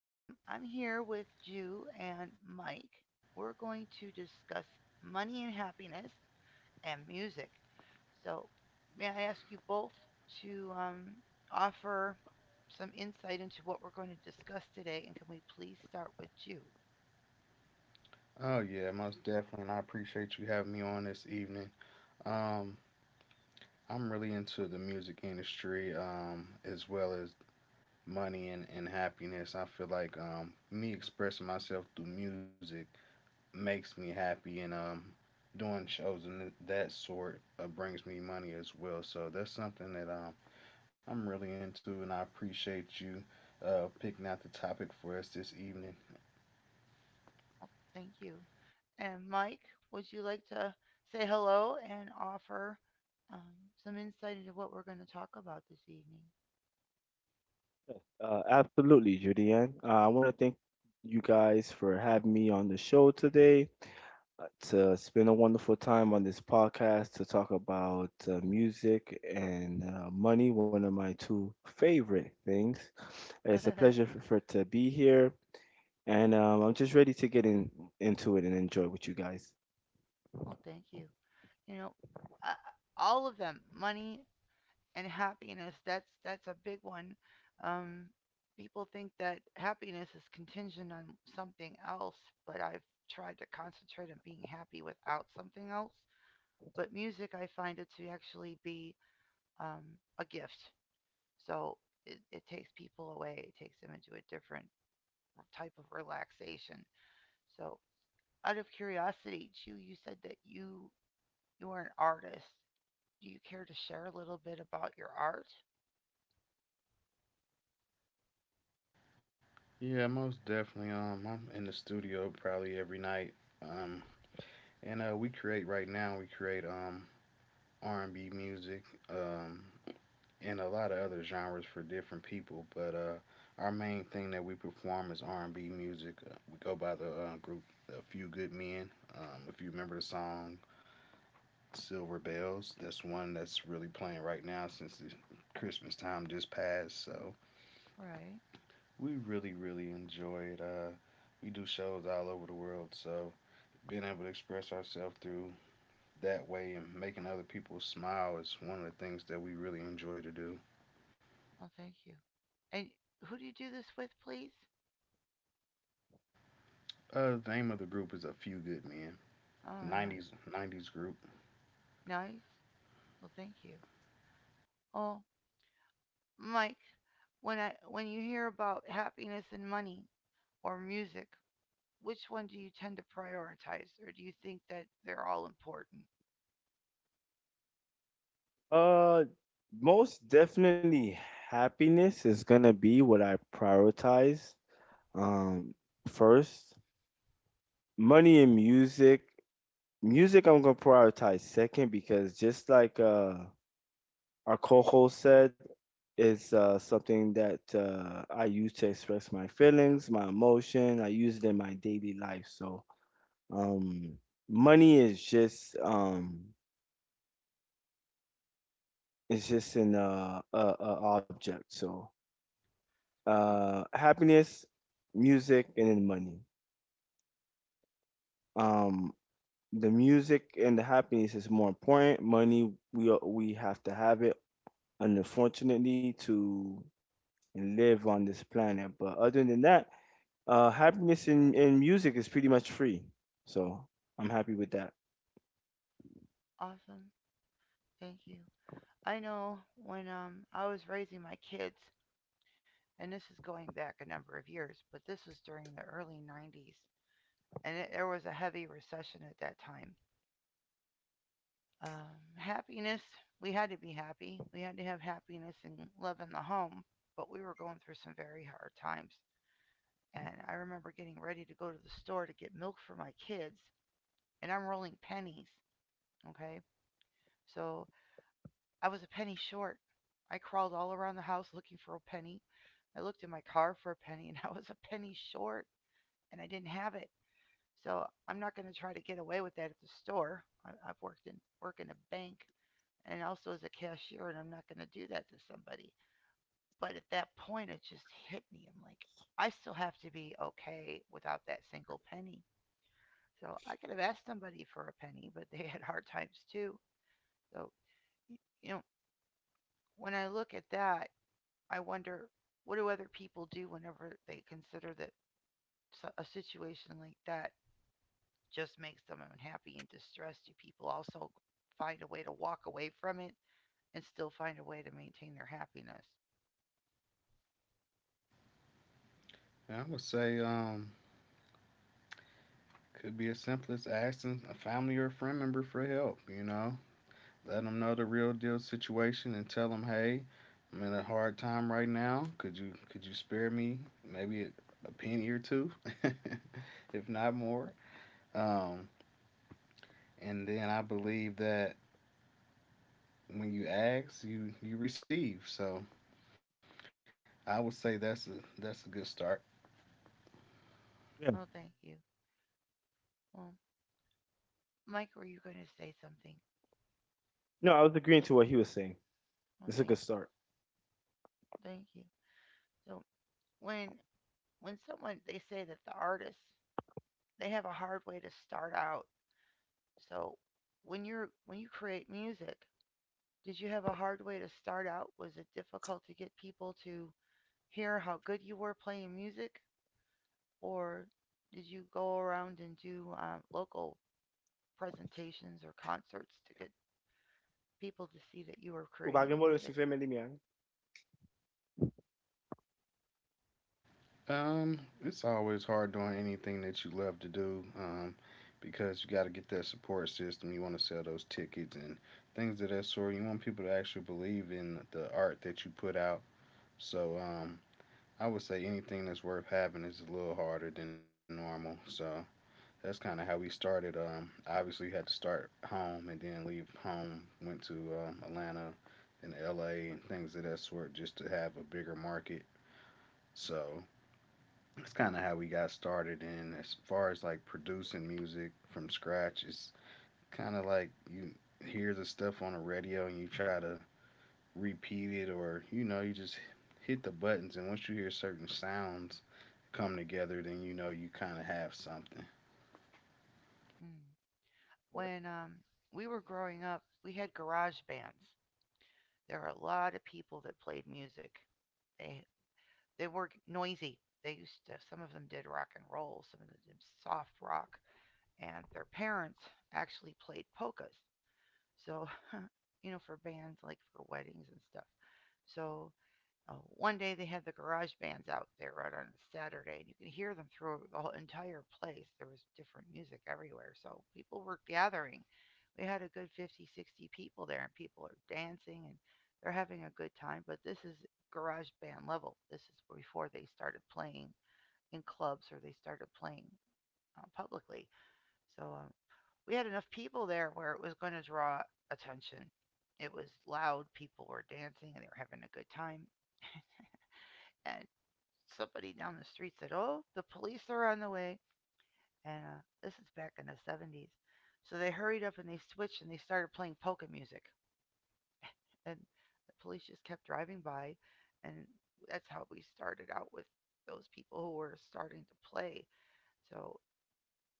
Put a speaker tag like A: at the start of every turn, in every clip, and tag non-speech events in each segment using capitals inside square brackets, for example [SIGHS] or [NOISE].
A: I'm here with Jew and Mike. We're going to discuss money and happiness and music. So, may I ask you both to offer some insight into what we're going to discuss today? And can we please start with Jew?
B: Oh yeah, most definitely, and I appreciate you having me on this evening. Um, I'm really into the music industry, as well as money and happiness. I feel like me expressing myself through music makes me happy, and doing shows and that sort brings me money as well. So that's something that I'm really into, and I appreciate you picking out the topic for us this evening.
A: Thank you. And Mike, would you like to say hello and offer some insight into what we're going to talk about this evening? [LAUGHS] Oh, thank you. You know, uh, all of them, money and happiness. That's a big one. Um, People think that happiness is contingent on something else, but I've tried to concentrate on being happy without something else. But music, I find it to actually be a gift. So it takes people away. It takes them into a different type of relaxation. So, out of curiosity, Chu, you said that you are an artist. Do you care to share a little bit about your art?
B: Yeah, most definitely. I'm in the studio probably every night. Um, And We create right now. We create R&B music, um and a lot of other genres for different people. But our main thing that we perform is R&B music. We go by the group A Few Good Men. If you remember the song Silver Bells, that's one that's really playing right now since the Christmas time just passed. So
A: Right.
B: we really enjoy it. We do shows all over the world, so being able to express ourselves through that way and making other people smile is one of the things that we really enjoy to do.
A: Well, thank you. And who do you do this with, please?
B: The name of the group is A Few Good Men,
A: Oh, yeah.
B: 90s 90s group.
A: Nice. Well, thank you. Oh, Mike, when you hear about happiness and money or music, which one do you tend to prioritize, or do you think that they're all important? That's awesome. Thank you. I know when I was raising my kids, and this is going back a number of years, but this was during the early 90s. And there was a heavy recession at that time. Happiness, we had to be happy. We had to have happiness and love in the home, but we were going through some very hard times. And I remember getting ready to go to the store to get milk for my kids, and I'm rolling pennies. Okay. So I was a penny short. I crawled all around the house looking for a penny. I looked in my car for a penny, [LAUGHS] and I was a penny short, and I didn't have it. So I'm not going to try to get away with that at the store. I've work in a bank and also as a cashier, and I'm not going to do that to somebody. But at that point, it just hit me. I'm like, I still have to be okay without that single penny. So I could have asked somebody for a penny, but [LAUGHS] they had hard times too. So you know, when I look at that, I wonder what do other people do whenever they consider that a situation like that just makes them unhappy and distressed. Do people also find a way to walk away from it and still find a way to maintain their happiness?
B: And I would say could be as simple as asking a family or a friend member for help, you know. Let them know the real deal situation and tell them, "Hey, I'm in a hard time right now. Could you spare me maybe a penny or two, [LAUGHS] if not more?" Um, and then I believe that when you ask, you receive. So I would say that's a good start.
A: Oh, thank you. Well, Mike, were you going to say something? Oh, thank you. Thank you. So when when someone they say that the artists they have a hard way to start out. So when you create music, did you have a hard way to start out? Was it difficult to get people to hear how good you were playing music? Or did you go around and do local presentations or concerts to get people to see that you were creating music?
B: It's always hard doing anything that you love to do, because you got to get that support system. You want to sell those tickets and things of that sort. You want people to actually believe in the art that you put out. So, I would say anything that's worth having is a little harder than normal. So that's kind of how we started. Obviously, we had to start home and then leave home. Went to Atlanta and LA and things of that sort just to have a bigger market. So that's kind of how we got started. And as far as like producing music from scratch, it's kind of like you hear the stuff on the radio and you try to repeat it, or you know, you just hit the buttons. And once you hear certain sounds come together, then you know you kind of have something.
A: Mm. When we were growing up, we had garage bands. There were a lot of people that played music. They they were noisy. They used to some of them did rock and roll, some of them did soft rock, and their parents actually played polkas. So you know for bands like for weddings and stuff. So one day they had the garage bands out there right on a Saturday, and you could hear them through the whole entire place. There was different music everywhere, so people were gathering. We had a good 50, 60 people there, and people are dancing and they're having a good time. But this is garage band level. This is before they started playing in clubs or they started playing publicly. So we had enough people there where it was going to draw attention. It was loud, people were dancing, and they were having a good time. And somebody down the street said, "Oh, the police are on the way." And this is back in the 70s. So they hurried up and they switched and they started playing polka music. And the police just kept driving by, and that's how we started out with those people who were starting to play. So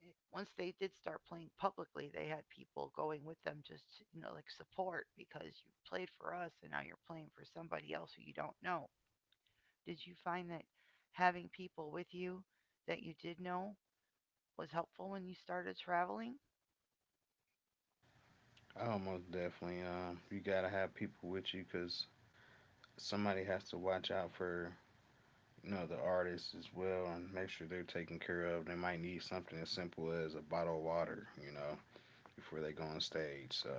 A: once they did start playing publicly, they had people going with them just you know like support because you played for us and now you're playing for somebody else who you don't know. Did you find that having people with you that you did know was helpful when you started traveling?
B: Oh, most definitely. You gotta have people with you because somebody has to watch out for you know the artists as well and make sure they're taken care of. They might need something as simple as a bottle of water, you know, before they go on stage. So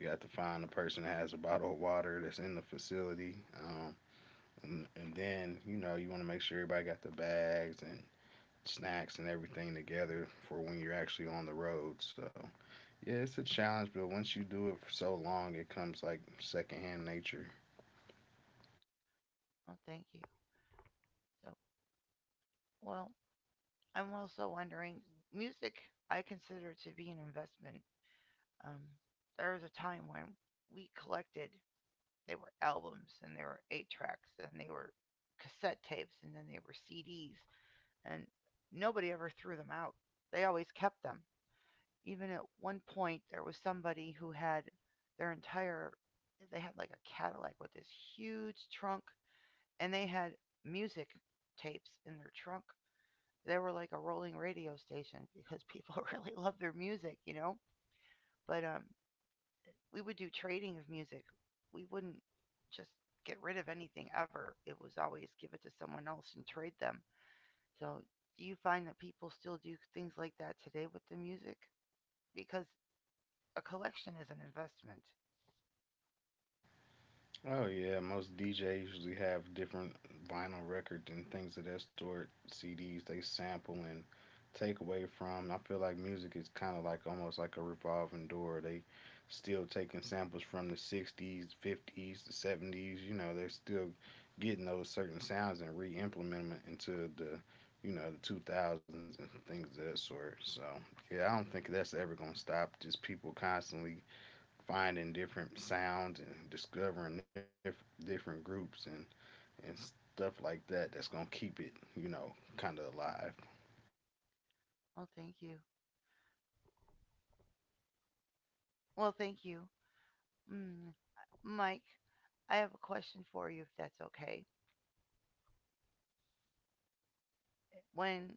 B: you have to find the person that has a bottle of water that's in the facility. Um, and then, you know, you want to make sure everybody got the bags and snacks and everything together for when you're actually on the road. So, yeah, it's a challenge, but once you do it for so long, it comes like secondhand nature.
A: Oh, thank you. So, well, I'm also wondering music I consider to be an investment. Um, there was a time when we collected, they were albums and they were eight tracks and they were cassette tapes and then they were CDs and nobody ever threw them out. They always kept them. Even at one point, there was somebody who had their entire, they had like a Cadillac with this huge trunk and they had music tapes in their trunk. They were like a rolling radio station [LAUGHS] because people really loved their music, you know. But we would do trading of music. We wouldn't just get rid of anything ever. It was always give it to someone else and trade them. So, do you find that people still do things like that today with the music? Because a collection is an investment.
B: Oh yeah, most DJs usually have different vinyl records and things of that sort, CDs they sample and take away from. I feel like music is kind of like almost like a revolving door. They still taking samples from the 60s, 50s, the 70s, you know, they're still getting those certain sounds and re-implementing them into the you know, the 2000s and things of that sort. So, yeah, I don't think that's ever going to stop. Just people constantly finding different sounds and discovering different groups and stuff like that that's going to keep it, you know, kind of alive.
A: Oh, thank you. Well, thank you. Mm, Mike, I have a question for you if that's okay. When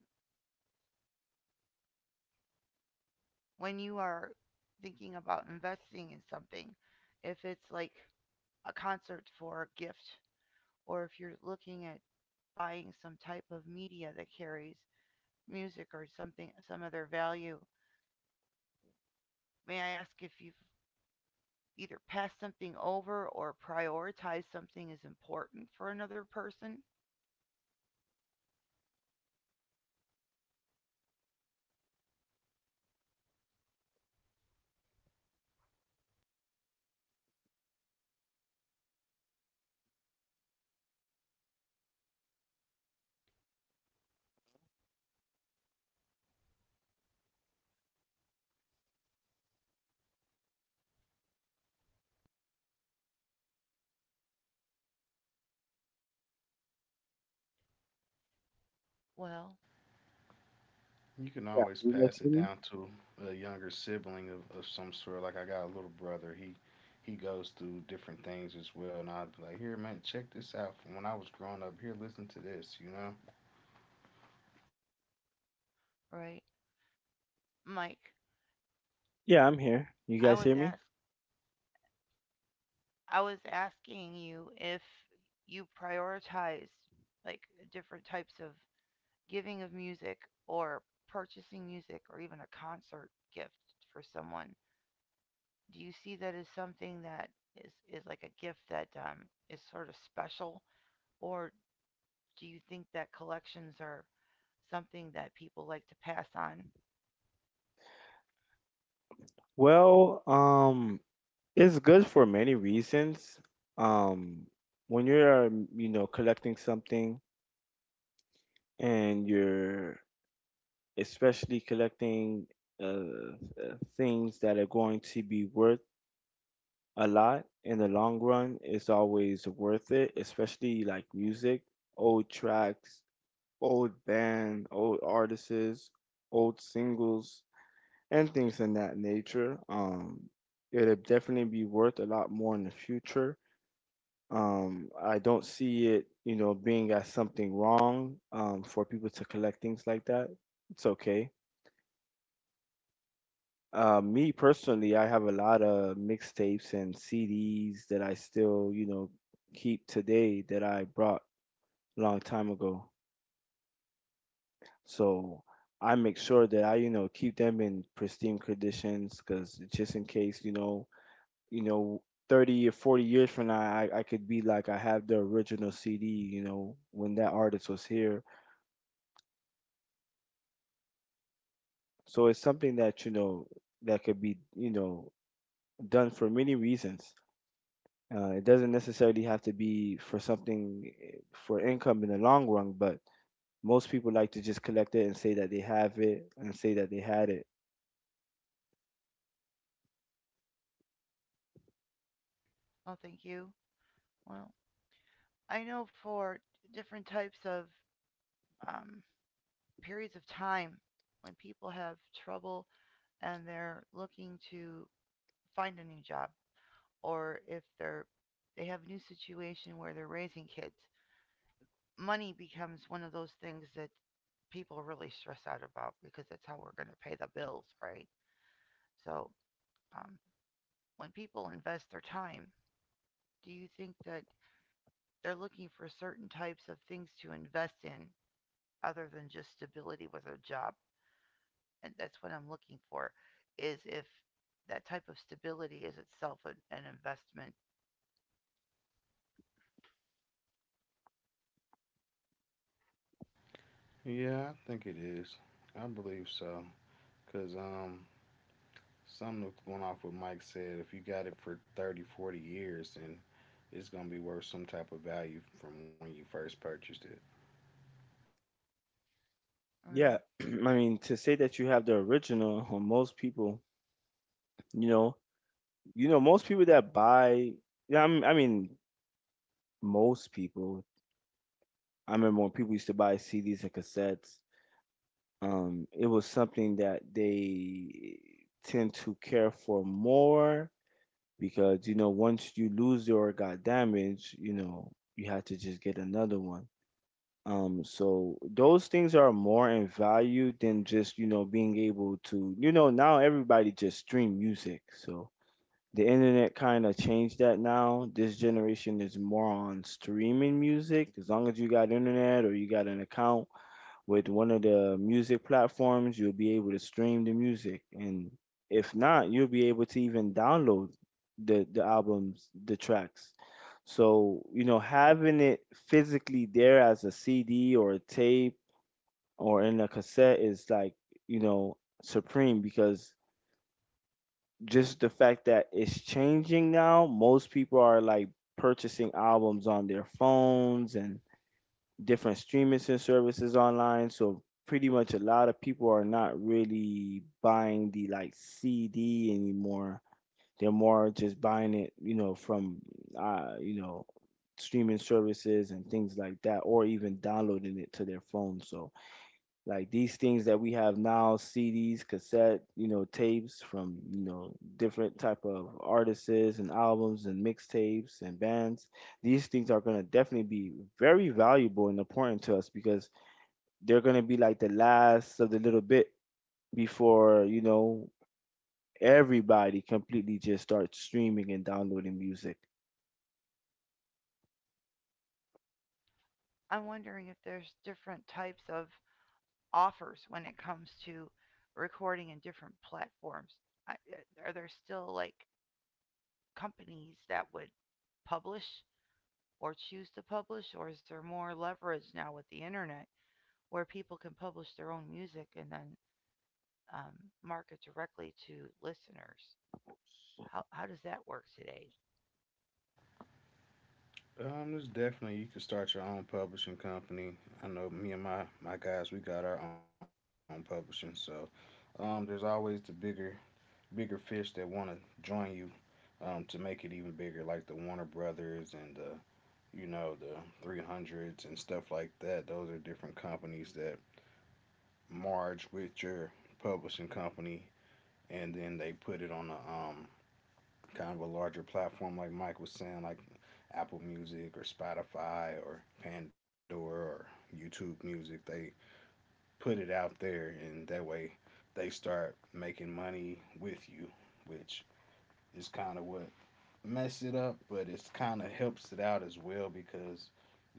A: when you are thinking about investing in something, if it's like a concert for a gift, or if you're looking at buying some type of media that carries music or something, some other value, may I ask if you've either passed something over or prioritized something as important for another person? Well,
B: You can
C: Yeah,
B: always
C: you guys
B: pass it
C: hear me?
B: down to a younger sibling of some sort. Like I got a little brother. He goes through different things as well, and I'd be like, "Here, man, check this out. From when I was growing up, here, listen to this." You know?
A: right. Mike,
C: Yeah, I'm here. You
A: I
C: guys
A: was
C: hear me?
A: ask I was asking you if you prioritized like different types of giving of music or purchasing music or even a concert gift for someone, do you see that as something that is like a gift that is sort of special? Or do you think that collections are something that people like to pass on?
C: Well, it's good for many reasons. Um, when you're, you know, collecting something and you're especially collecting uh, things that are going to be worth a lot in the long run, it's always worth it, especially like music, old tracks, old band, old artists, old singles. And things in that nature. It'll definitely be worth a lot more in the future. I don't see it, you know, being as something wrong for people to collect things like that. It's okay. Me personally, I have a lot of mixtapes and CDs that I still, you know, keep today that I brought a long time ago. So I make sure that I, you know, keep them in pristine conditions because just in case, you know, 30 or 40 years from now, I could be like, I have the original CD, you know, when that artist was here. So it's something that, you know, that could be, you know, done for many reasons. It doesn't necessarily have to be for something for income in the long run, but most people like to just collect it and say that they have it and say that they had it.
A: Oh, thank you. Well, I know for different types of um, periods of time when people have trouble and they're looking to find a new job or if they have a new situation where they're raising kids, money becomes one of those things that people really stress out about because that's how we're going to pay the bills, right? So, um, when people invest their time, do you think that they're looking for certain types of things to invest in other than just stability with a job? And that's what I'm looking for is if that type of stability is itself an investment.
B: Yeah, I think it is. I believe so. Cause something that's going off what Mike said. If you got it for 30, 40 years, and it's gonna be worth some type of value from when you first purchased it.
A: All right.
C: Yeah, [CLEARS THROAT] I mean, to say that you have the original, [LAUGHS] most people, you know, you know, most people that I mean, most people. I remember when people used to buy CDs and cassettes, it was something that they tend to care for more because, you know, once you lose it or it got damaged, you know, you had to just get another one. So those things are more in value than just, you know, being able to, you know, now everybody just stream music. So the internet kind of changed that now. This generation is more on streaming music. As long as you got internet or you got an account with one of the music platforms, you'll be able to stream the music. And if not, you'll be able to even download the albums, the tracks. So, you know, having it physically there as a CD or a tape or in a cassette is like, you know, supreme because just the fact that it's changing now. Most people are like purchasing albums on their phones and different streaming services online. So pretty much a lot of people are not really buying the like CD anymore. They're more just buying it, you know, from you know, streaming services and things like that, or even downloading it to their phone. So like these things that we have now, CDs, cassette, you know, tapes from, you know, different type of artists and albums and mixtapes and bands. These things are going to definitely be very valuable and important to us because they're going to be like the last of the little bit before, you know, everybody completely just starts streaming and downloading music.
A: I'm wondering if there's different types of offers when it comes to recording in different platforms? Are there still like companies that would publish or choose to publish, or is there more leverage now with the internet where people can publish their own music and then market directly to listeners? How does that work today?
B: There's definitely you can start your own publishing company. I know me and my guys, we got our own publishing, so there's always the bigger fish that want to join you to make it even bigger, like the Warner Brothers and the you know the 300s and stuff like that. Those are different companies that merge with your publishing company, and then they put it on a kind of a larger platform, like Mike was saying, like Apple Music or Spotify or Pandora or YouTube Music. They put it out there, and that way they start making money with you, which is kind of what mess it up, but it's kind of helps it out as well because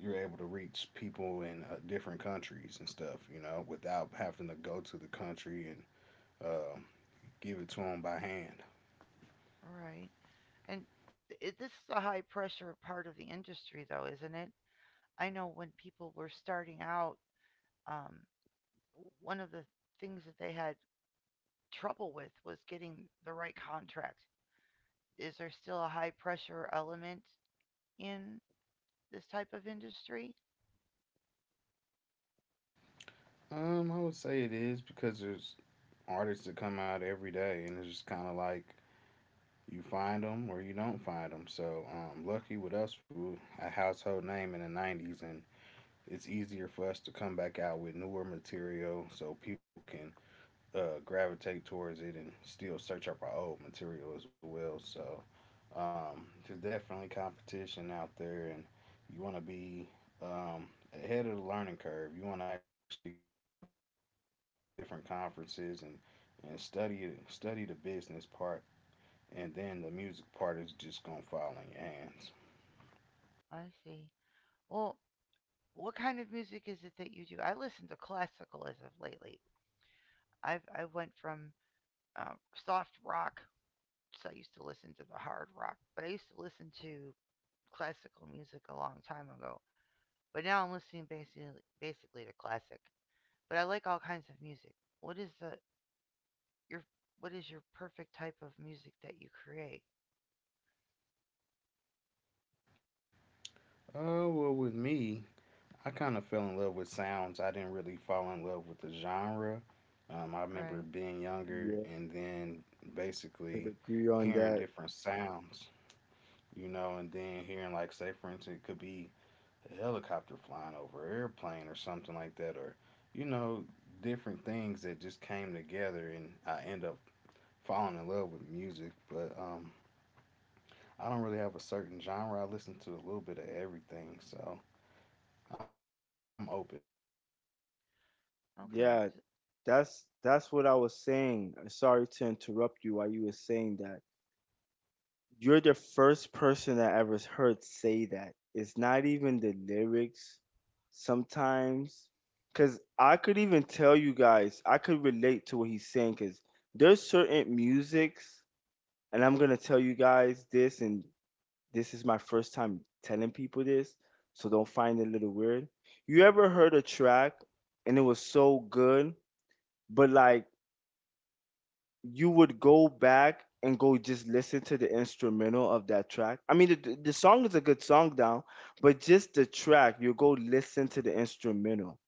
B: you're able to reach people in different countries and stuff, you know, without having to go to the country and uh, give it to them by hand.
A: All right. And this is a high pressure part of the industry, though, isn't it? I know when people were starting out, um, one of the things that they had trouble with was getting the right contract. Is there still a high pressure element in this type of industry?
B: I would say it is because there's artists that come out every day, and it's just kind of like you find them or you don't find them. So, lucky with us, we were a household name in the 90s, and it's easier for us to come back out with newer material so people can gravitate towards it and still search up our old material as well. So, there's definitely competition out there, and you want to be um, ahead of the learning curve. You want to actually go to different conferences and study the business part and then the music part is just gonna fall in your hands.
A: I see. Well, what kind of music is it that you do? I listen to classical as of lately. I went from uh, soft rock, so I used to listen to the hard rock, but I used to listen to classical music a long time ago. But now I'm listening basically to classic. But I like all kinds of music. What is the your what is your perfect type of music that you create?
B: Oh well, with me, I kind of fell in love with sounds. I didn't really fall in love with the genre. I remember
A: Right.
B: being younger
C: Yeah,
B: and then
C: could
B: basically
C: agree on
B: hearing
C: that.
B: different sounds, you know, and then hearing like, say, for instance, it could be a helicopter flying over an airplane or something like that, or you know, different things that just came together, and I end up falling in love with music. But I don't really have a certain genre. I listen to a little bit of everything, so I'm open.
A: Okay.
C: Yeah,
A: S-
C: that's what I was saying. Sorry to interrupt you while you were saying that. You're the first person I ever heard say that. It's not even the lyrics sometimes. Because I could even tell you guys, I could relate to what he's saying. Because there's certain musics, and I'm going to tell you guys this, and this is my first time telling people this, so don't find it a little weird. You ever heard a track and it was so good, but like you would go back and go just listen to the instrumental of that track. I mean, the song is a good song down, but just the track, you go listen to the instrumental.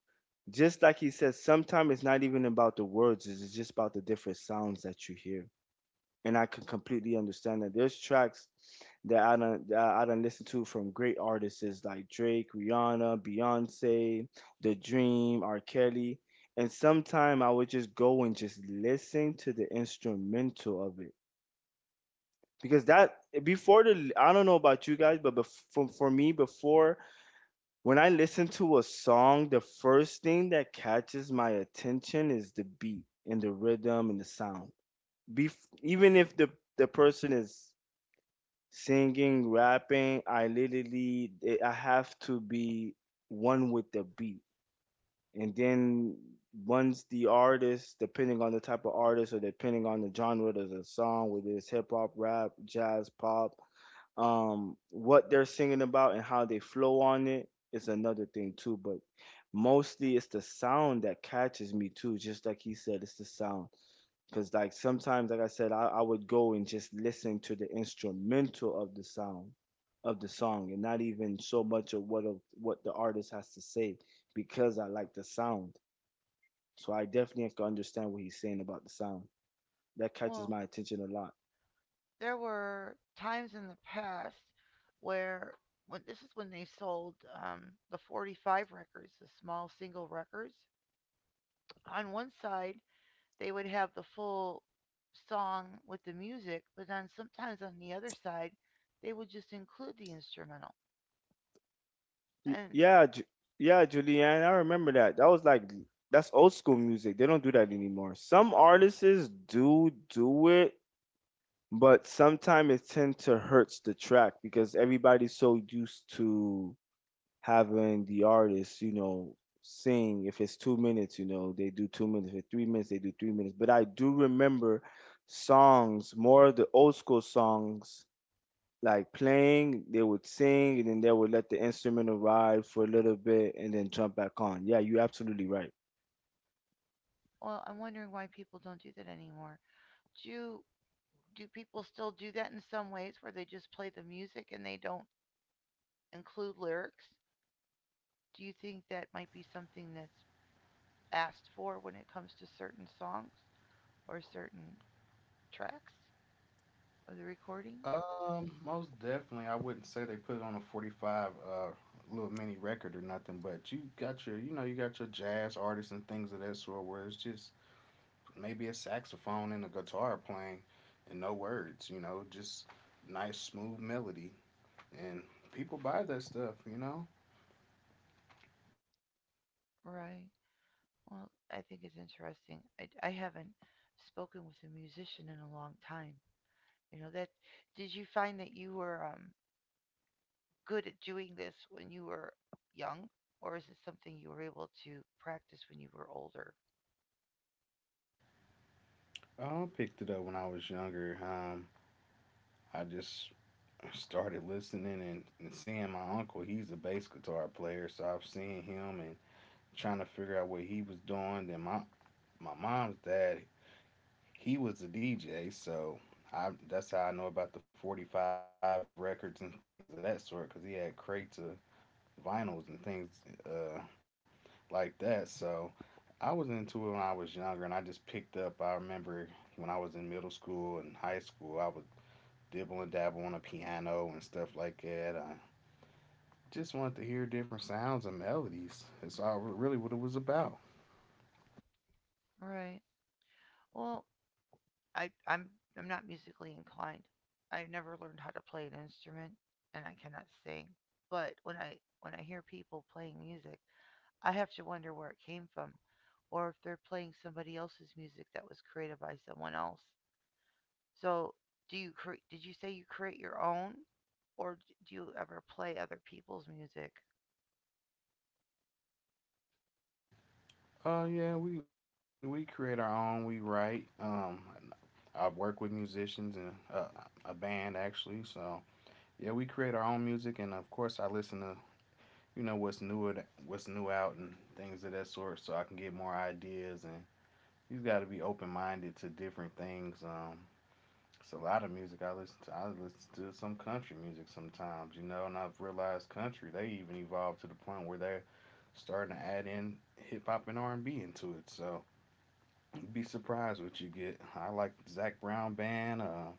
C: Just like he says, sometimes it's not even about the words, it's just about the different sounds that you hear and I can completely understand that. There's tracks that I don't listen to from great artists like Drake, Rihanna, Beyonce, The Dream, R. Kelly, and sometime I would just go and just listen to the instrumental of it because that before the I don't know about you guys, but for me before when I listen to a song, the first thing that catches my attention is the beat and the rhythm and the sound. Bef- Even if the person is singing, rapping, I literally I have to be one with the beat. And then once the artist, depending on the type of artist or depending on the genre of the song, whether it's hip hop, rap, jazz, pop, what they're singing about and how they flow on it is another thing too. But mostly it's the sound that catches me too. Just like he said, it's the sound because like sometimes, like I said, I would go and just listen to the instrumental of the sound of the song and not even so much of what the artist has to say because I like the sound. So I definitely have to understand what he's saying about the sound. That catches
A: Well,
C: my attention a lot.
A: there were times in the past where when this is when they sold the 45 records, the small single records. On one side, they would have the full song with the music, but then sometimes on the other side, they would just include the instrumental.
C: Y-
A: And
C: Yeah, Ju- yeah, Julianne, I remember that. That was like that's old school music. They don't do that anymore. Some artists do do it, but sometimes it tend to hurts the track because everybody's so used to having the artists, you know, sing. If it's 2 minutes, you know, they do 2 minutes. If it's 3 minutes, they do 3 minutes. But I do remember songs, more of the old school songs, like playing, they would sing, and then they would let the instrumental ride for a little bit and then jump back on. Yeah, you're absolutely right.
A: well, I'm wondering why people don't do that anymore. Do you, do people still do that in some ways where they just play the music and they don't include lyrics? Do you think that might be something that's asked for when it comes to certain songs or certain tracks of the recordings?
B: Most definitely, I wouldn't say they put it on a 45 little mini record or nothing, but you got your, you know, you got your jazz artists and things of that sort where it's just maybe a saxophone and a guitar playing and no words, you know, just nice smooth melody and people buy that stuff, you know.
A: Right. Well, I think it's interesting. I haven't spoken with a musician in a long time. You know that. Did you find that you were good at doing this when you were young, or is it something you were able to practice when you were older?
B: I picked it up when I was younger. I just started listening and seeing my uncle. He's a bass guitar player, so I've seen him and trying to figure out what he was doing. Then my mom's dad, he was a DJ, so I that's how I know about the 45 records and things of that sort because he had crates of vinyls and things uh, like that. So I was into it when I was younger, and I just picked up. I remember when I was in middle school and high school, I would dibble and dabble on a piano and stuff like that. I just wanted to hear different sounds and melodies. That's all really what it was about.
A: Right. Well, I'm I'm not musically inclined. I never learned how to play an instrument, and I cannot sing. But when I hear people playing music, I have to wonder where it came from, or if they're playing somebody else's music that was created by someone else. So, did you say you create your own, or do you ever play other people's music?
B: Yeah, we create our own. We write. I work with musicians and a band actually. So yeah, we create our own music, and of course, I listen to you know what's new out and things of that sort, so I can get more ideas. And you've got to be open minded to different things. It's a lot of music I listen to. I listen to some country music sometimes, you know, and I've realized country they even evolved to the point where they're starting to add in hip hop and R&B into it. So you'd be surprised what you get. I like the Zach Brown band.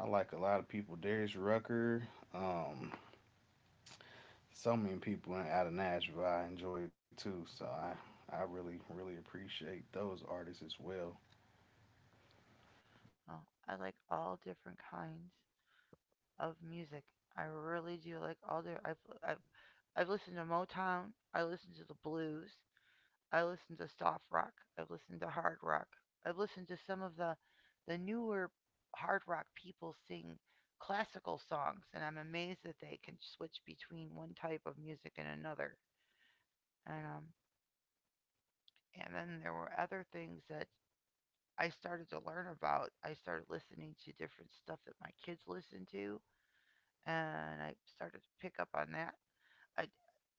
B: I like a lot of people. Darius Rucker. Um, so many people out of Nashville I enjoy too. I really appreciate those artists as well.
A: Oh, I like all different kinds of music. I really do like all the I've, I've listened to Motown, I listen to the blues, I listened to soft rock. I've listened to hard rock. I've listened to some of the newer hard rock people sing classical songs, and I'm amazed that they can switch between one type of music and another. And um, and then there were other things that I started to learn about. I started listening to different stuff that my kids listened to, and I started to pick up on that. I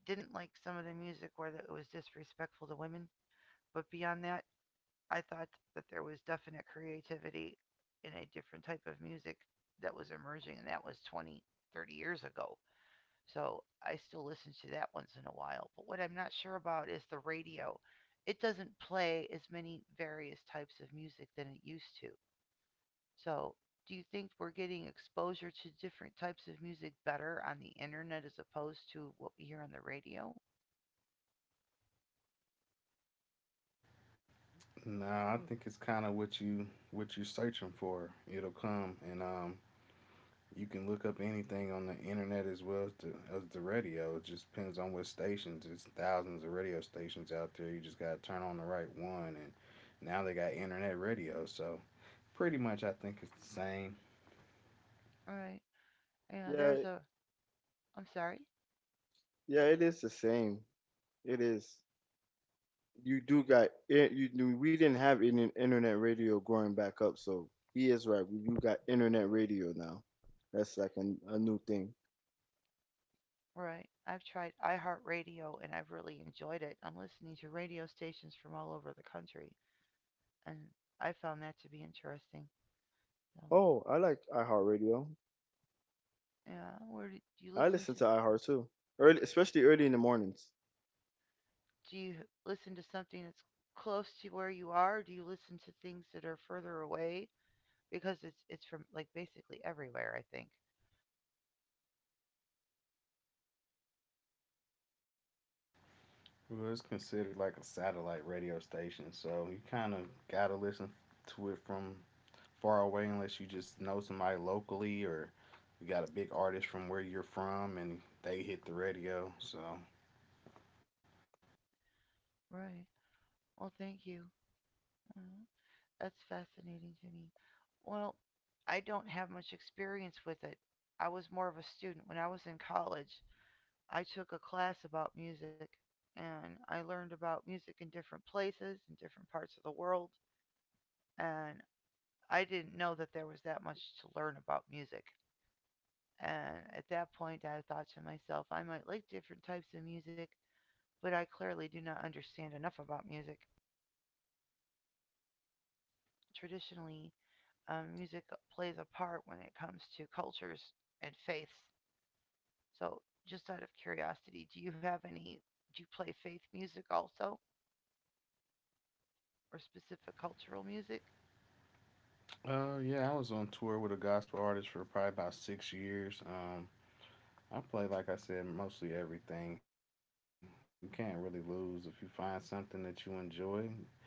A: didn't like some of the music where it was disrespectful to women, but beyond that, I thought that there was definite creativity in a different type of music that was emerging, and that was 20, 30 years ago. So I still listen to that once in a while. But what I'm not sure about is the radio. It doesn't play as many various types of music than it used to. So do you think we're getting exposure to different types of music better on the internet as opposed to what we hear on the radio?
B: Now I think it's kind of what you what you're searching for. It'll come, and you can look up anything on the internet as well as as the radio. It just depends on what stations. There's thousands of radio stations out there. You just got to turn on the right one. And now they got internet radio. So pretty much I think it's the same.
A: All right. Yeah,
C: Yeah,
A: there's a. I'm sorry.
C: yeah, it is the same. It is. You do got it. We didn't have any internet radio growing back up, so he is right. We do got internet radio now. That's like a new thing.
A: Right. I've tried iHeartRadio and I've really enjoyed it. I'm listening to radio stations from all over the country, and I found that to be interesting. So,
C: Oh, I like iHeartRadio.
A: yeah, where do you
C: I
A: listen
C: listen
A: to?
C: to iHeart too, early, especially early in the mornings.
A: Do you listen to something that's close to where you are? Or do you listen to things that are further away? Because it's from like basically everywhere, I think.
B: Well, it's considered like a satellite radio station. So you kind of got to listen to it from far away unless you just know somebody locally or you got a big artist from where you're from and they hit the radio. So
A: Right. Well, thank you. Mm, that's fascinating to me. Well, I don't have much experience with it. I was more of a student when I was in college. I took a class about music, and I learned about music in different places, in different parts of the world. And I didn't know that there was that much to learn about music. And at that point, I thought to myself, I might like different types of music, but I clearly do not understand enough about music. Traditionally, music plays a part when it comes to cultures and faiths. So, just out of curiosity, do you have any? Do you play faith music also, or specific cultural music?
B: Yeah, I was on tour with a gospel artist for probably about 6 years. I play, like I said, mostly everything. You can't really lose if you find something that you enjoy.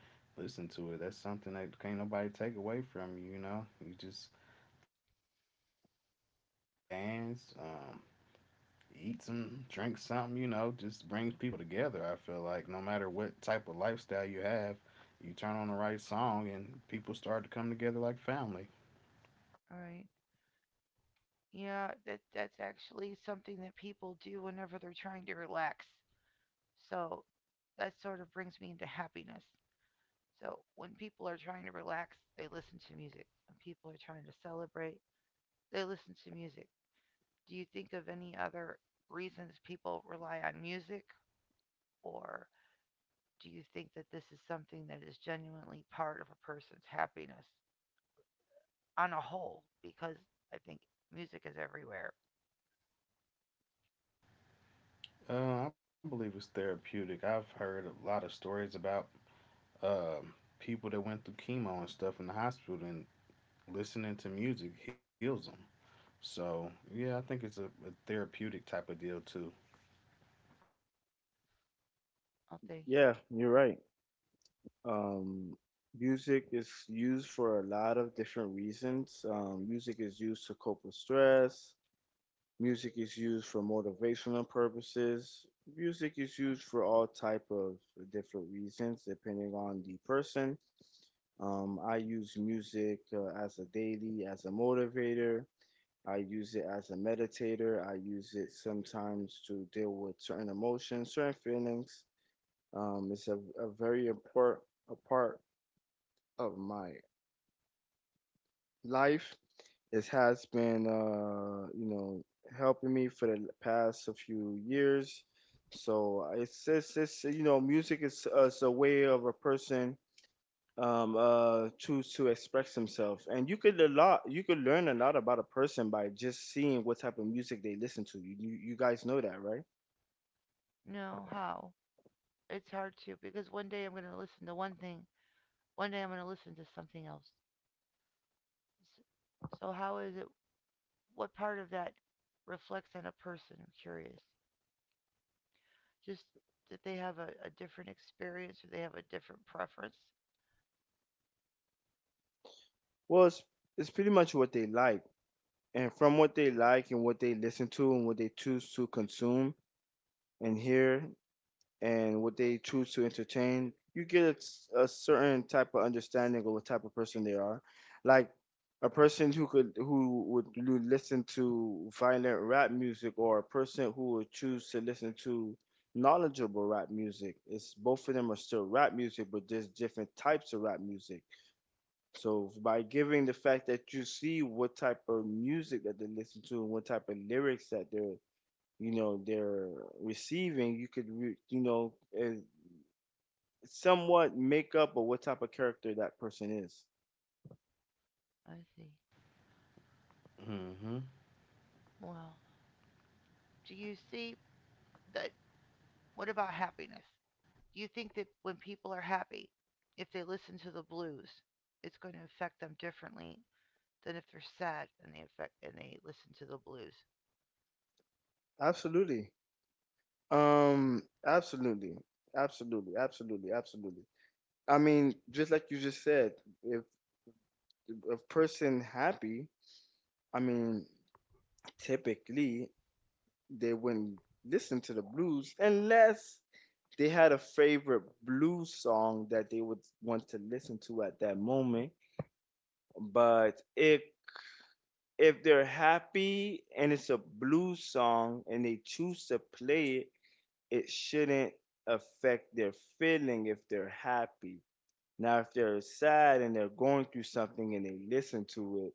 B: Listen to it. That's something that can't nobody take away from you. You know, you just listen to it, dance, eat some, drink something. You know, just brings people together. I feel like no matter what type of lifestyle you have, you turn on the right song and people start to come together like family.
A: All right. Yeah, that that's actually something that people do whenever they're trying to relax. So that sort of brings me into happiness. So when people are trying to relax, they listen to music. When people are trying to celebrate, they listen to music. Do you think of any other reasons people rely on music, or do you think that this is something that is genuinely part of a person's happiness on a whole? Because I think music is everywhere.
B: I believe it's therapeutic. I've heard a lot of stories about um, people that went through chemo and stuff in the hospital, and listening to music heals them. So yeah, I think it's a therapeutic type of deal too.
A: Oh, thank you.
C: Yeah, you're right. Um, Music is used for a lot of different reasons. Music is used to cope with stress. Music is used for motivational purposes. Music is used for all type of different reasons, depending on the person. I use music as a daily, as a motivator. I use it as a meditator. I use it sometimes to deal with certain emotions, certain feelings. It's a very important part of my life. It has been, you know, helping me for the past a few years. So it's you know, music is a way of a person choose to express himself, and you could learn a lot about a person by just seeing what type of music they listen to. You guys know that, right?
A: No, how? It's hard to because one day I'm going to listen to one thing, one day I'm going to listen to something else. So how is it? What part of that reflects on a person? I'm curious. Just that they have a different experience, or they have a different preference.
C: Well, it's pretty much what they like, and from what they like and what they listen to and what they choose to consume and hear and what they choose to entertain, you get a certain type of understanding of what type of person they are. Like a person who would listen to violent rap music, or a person who would choose to listen to knowledgeable rap music. It's both of them are still rap music, but there's different types of rap music. So by giving the fact that you see what type of music that they listen to and what type of lyrics that they're receiving, you could eh, somewhat make up of what type of character that person is.
A: I see.
B: Mm-hmm.
A: Well, do you see that? What about happiness? Do you think that when people are happy, if they listen to the blues, it's going to affect them differently than if they're sad and they listen to the blues?
C: Absolutely. Um, absolutely. Absolutely. Absolutely. Absolutely. I mean, just like you just said, if a person happy, I mean, typically they wouldn't listen to the blues unless they had a favorite blues song that they would want to listen to at that moment. But if they're happy and it's a blues song and they choose to play it it shouldn't affect their feeling if they're happy. Now, if they're sad and they're going through something and they listen to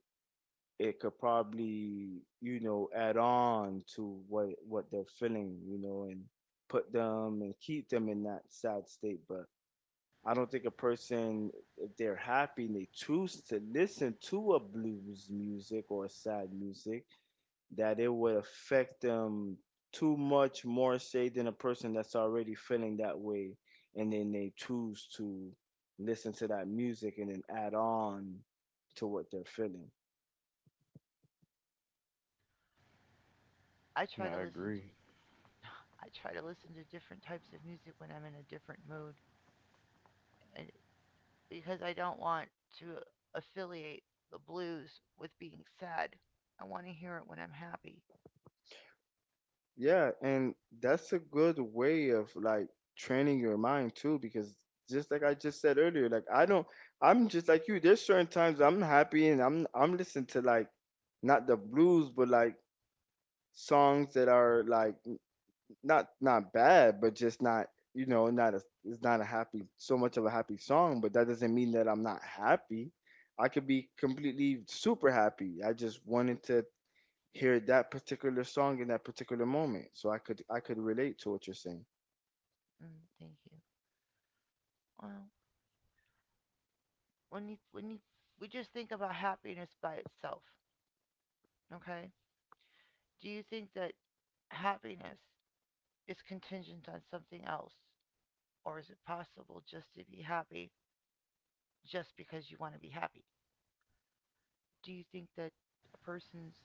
C: it, it could probably, you know, add on to what they're feeling, you know, and put them and keep them in that sad state. But I don't think a person, if they're happy and they choose to listen to a blues music or sad music, that it would affect them too much more say than a person that's already feeling that way and then they choose to listen to that music and then add on to what they're feeling.
A: I try to
B: Yeah, I
A: listen to
B: agree.
A: I try to listen to different types of music when I'm in a different mood, and because I don't want to affiliate the blues with being sad. I want to hear it when I'm happy.
C: Yeah, and that's a good way of like training your mind too, because just like I just said earlier, like I don't I'm just like you. There's certain times I'm happy and I'm listening to like not the blues, but like songs that are like not bad, but just not you know not a it's not a happy, so much of a happy song. But that doesn't mean that I'm not happy. I could be completely super happy. I just wanted to hear that particular song in that particular moment, so I could relate to what you're saying.
A: Mm, thank you. Well, when you we just think about happiness by itself, okay? Do you think that happiness is contingent on something else, or is it possible just to be happy just because you want to be happy? Do you think that a person's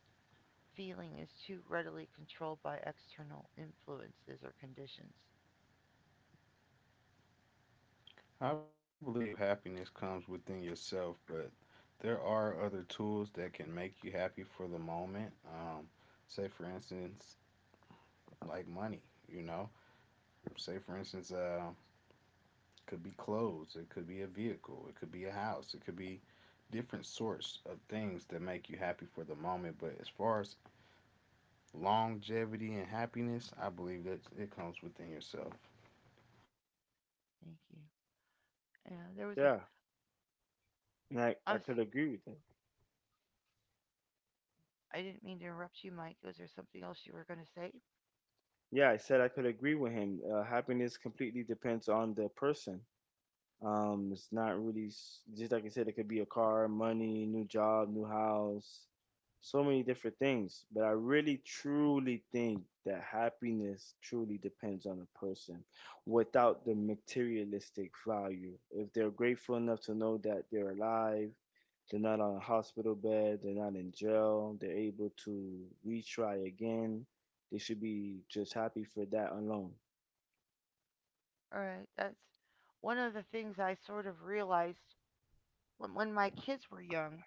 A: feeling is too readily controlled by external influences or conditions?
B: I believe happiness comes within yourself, but there are other tools that can make you happy for the moment. Say for instance, like money. You know, say for instance, could be clothes, it could be a vehicle, it could be a house, it could be different sorts of things that make you happy for the moment. But as far as longevity and happiness, I believe that it comes within yourself.
A: Thank you. Yeah, there was a.
C: Yeah, and I
A: I'm.
C: could agree with him.
A: I didn't mean to interrupt you, Mike. Was there something else you were going to say?
C: Yeah, I said I could agree with him. Happiness completely depends on the person. It's not really s- just like I said. It could be a car, money, new job, new house, so many different things. But I really truly think that happiness truly depends on a person, without the materialistic value. If they're grateful enough to know that they're alive, they're not on a hospital bed, they're not in jail, they're able to retry again. They should be just happy for that alone.
A: All right. That's one of the things I sort of realized when my kids were young.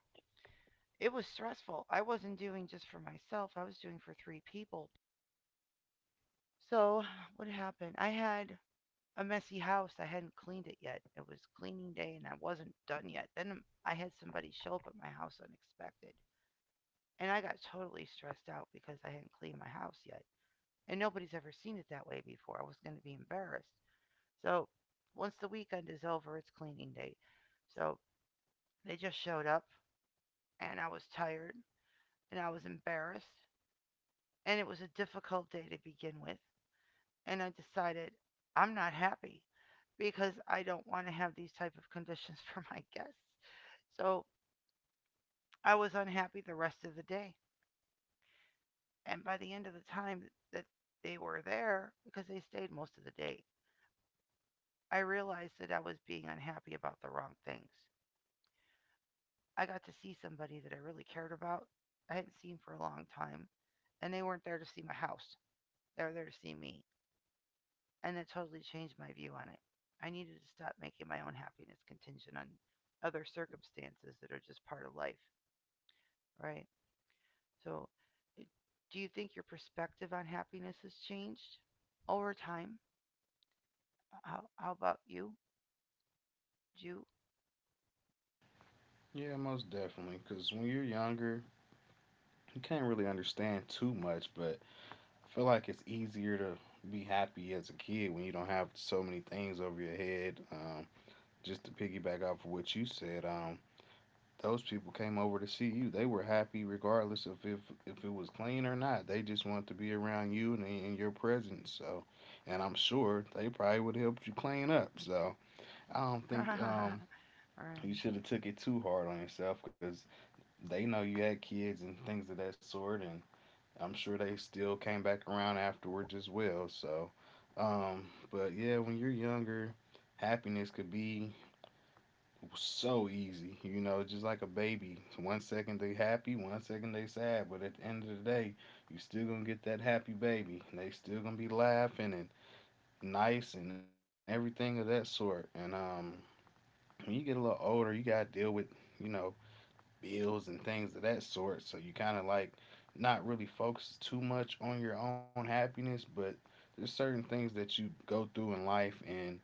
A: It was stressful. I wasn't doing just for myself. I was doing for three people. So [SIGHS] what happened? I had a messy house. I hadn't cleaned it yet. It was cleaning day, and I wasn't done yet. Then I had somebody show up at my house unexpected, and I got totally stressed out because I hadn't cleaned my house yet. And nobody's ever seen it that way before. I was going to be embarrassed. So once the weekend is over, it's cleaning day. So they just showed up, and I was tired, and I was embarrassed, and it was a difficult day to begin with. And I decided I'm not happy because I don't want to have these type of conditions [LAUGHS] for my guests. So I was unhappy the rest of the day. And by the end of the time that they were there, because they stayed most of the day, I realized that I was being unhappy about the wrong things. I got to see somebody that I really cared about, I hadn't seen for a long time, and they weren't there to see my house. They were there to see me. And that totally changed my view on it. I needed to stop making my own happiness contingent on other circumstances that are just part of life, right? So, do you think your perspective on happiness has changed over time? How about you? You?
B: Yeah, most definitely. Because when you're younger, you can't really understand too much, but I feel like it's easier to be happy as a kid when you don't have so many things over your head. Just to piggyback off of what you said, those people came over to see you. They were happy regardless of if it was clean or not. They just wanted to be around you and in your presence. So, and I'm sure they probably would help you clean up. So, I don't
A: [LAUGHS]
B: think
A: All
B: you
A: right.
B: should have took it too hard on yourself because they know you had kids and things of that sort, and I'm sure they still came back around afterwards as well. So, but yeah, when you're younger, happiness could be so easy. You know, just like a baby. One second they happy, one second they sad, but at the end of the day, you still gonna get that happy baby. And they still gonna be laughing and nice and everything of that sort. And when you get a little older, you gotta deal with you know bills and things of that sort. So you kind of like not really focus too much on your own happiness, but there's certain things that you go through in life and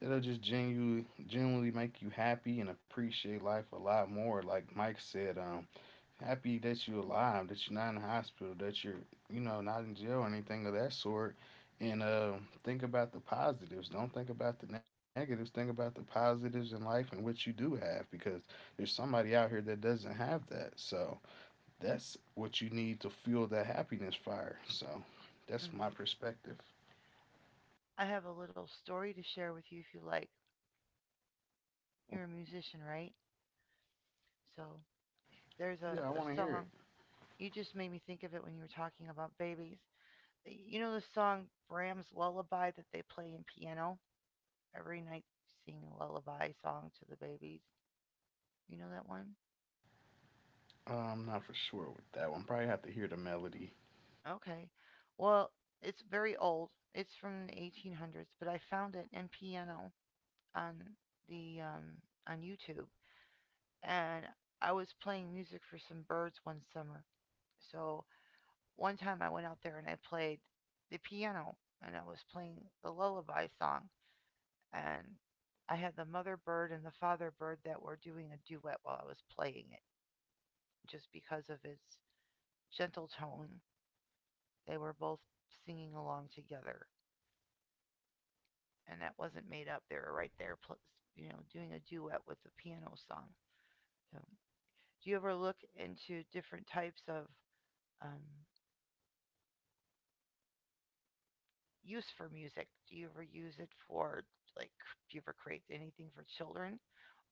B: it'll just genuinely, genuinely make you happy and appreciate life a lot more. Like Mike said, happy that you're alive, that you're not in the hospital, that you're, you know, not in jail or anything of that sort. And think about the positives. Don't think about the negatives. Think about the positives in life and what you do have because there's somebody out here that doesn't have that. So that's what you need to fuel that happiness fire. So that's my
A: Hmm.
B: perspective.
A: I have a little story to share with you if you like. You're a musician, right? So there's
B: Yeah, I
A: a
B: want to hear it.
A: song. You just made me think of it when you were talking about babies. You know the song Bram's Lullaby that they play in piano? Every night they sing a lullaby song to the babies. You know that one?
B: I'm not for sure with that one. Probably have to hear the melody.
A: Okay. Well, it's very old. It's from the 1800s, but I found it in piano on the on YouTube. And I was playing music for some birds one summer. So one time I went out there and I played the piano, and I was playing the lullaby song, and I had the mother bird and the father bird that were doing a duet while I was playing it, just because of its gentle tone. They were both singing along together, and that wasn't made up. They were right there, you know, doing a duet with the piano song. So, do you ever look into different types of um, use for music? Do you ever use it for like do you ever create anything for children,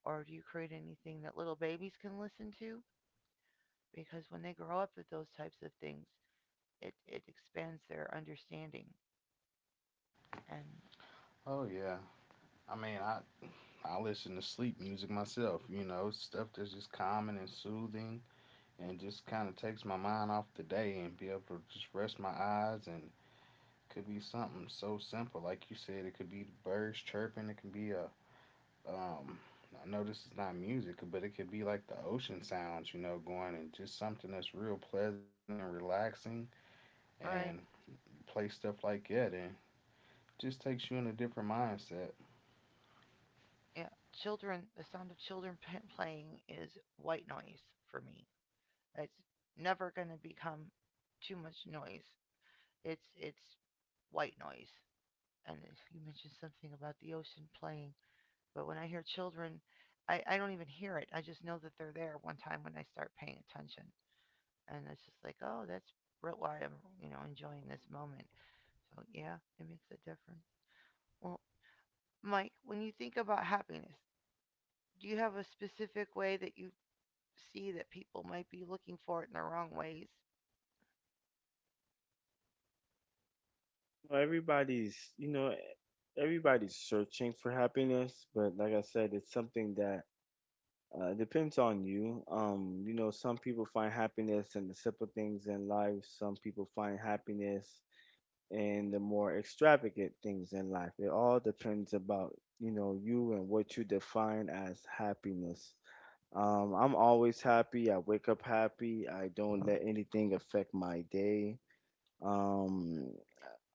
A: or do you create anything that little babies can listen to? Because when they grow up with those types of things, it expands their understanding. And
B: Oh yeah. I mean, I listen to sleep music myself. You know, stuff that's just calming and soothing, and just kind of takes my mind off the day and be able to just rest my eyes. And could be something so simple, like you said. It could be the birds chirping. It could be a um. I know this is not music, but it could be like the ocean sounds, you know, going and just something that's real pleasant and relaxing. And
A: right,
B: play stuff like that, and just takes you in a different mindset.
A: yeah, children, the sound of children [LAUGHS] playing is white noise for me. It's never going to become too much noise. It's white noise. And you mentioned something about the ocean playing. But when I hear children, I don't even hear it. I just know that they're there one time when I start paying attention. And it's just like, oh, that's why I'm, you know, enjoying this moment. So, yeah, it makes a difference. Well, Mike, when you think about happiness, do you have a specific way that you see that people might be looking for it in the wrong ways?
C: Well, everybody's, you know, everybody's searching for happiness, but like I said, it's something that depends on you. You know, some people find happiness in the simple things in life. Some people find happiness in the more extravagant things in life. It all depends about, you know, you and what you define as happiness. I'm always happy. I wake up happy. I don't let anything affect my day. Um,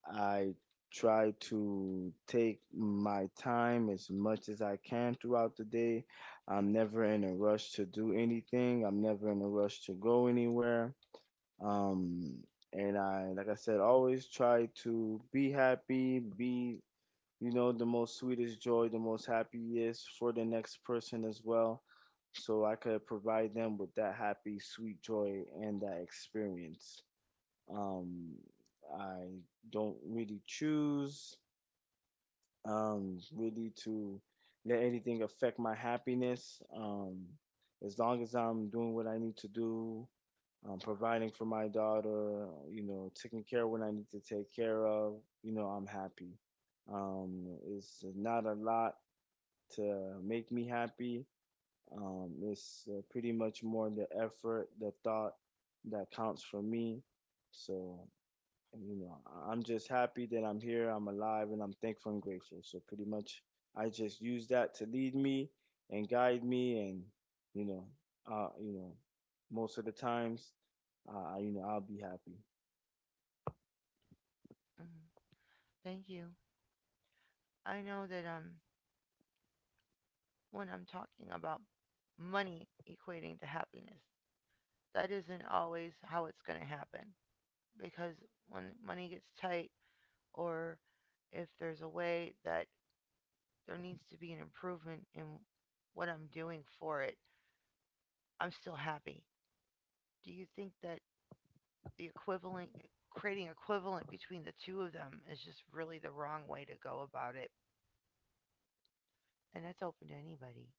C: I try to take my time as much as I can throughout the day. I'm never in a rush to do anything. I'm never in a rush to go anywhere. Um, and I, like I said, always try to be happy, be, you know, the most sweetest joy, the most happiest for the next person as well. So I could provide them with that happy, sweet joy and that experience. Um, I don't really choose really to let anything affect my happiness. As long as I'm doing what I need to do, providing for my daughter, you know, taking care of what I need to take care of, you know, I'm happy. Um, it's not a lot to make me happy. It's pretty much more the effort, the thought that counts for me. So, and you know, I'm just happy that I'm here, I'm alive, and I'm thankful and grateful. So pretty much, I just use that to lead me and guide me, and you know, you know, most of the times, you know, I'll be happy.
A: Mm, thank you. I know that when I'm talking about money equating to happiness, that isn't always how it's going to happen, because when money gets tight, or if there's a way that there needs to be an improvement in what I'm doing for it, I'm still happy. Do you think that the equivalent creating equivalent between the two of them is just really the wrong way to go about it? And that's open to anybody.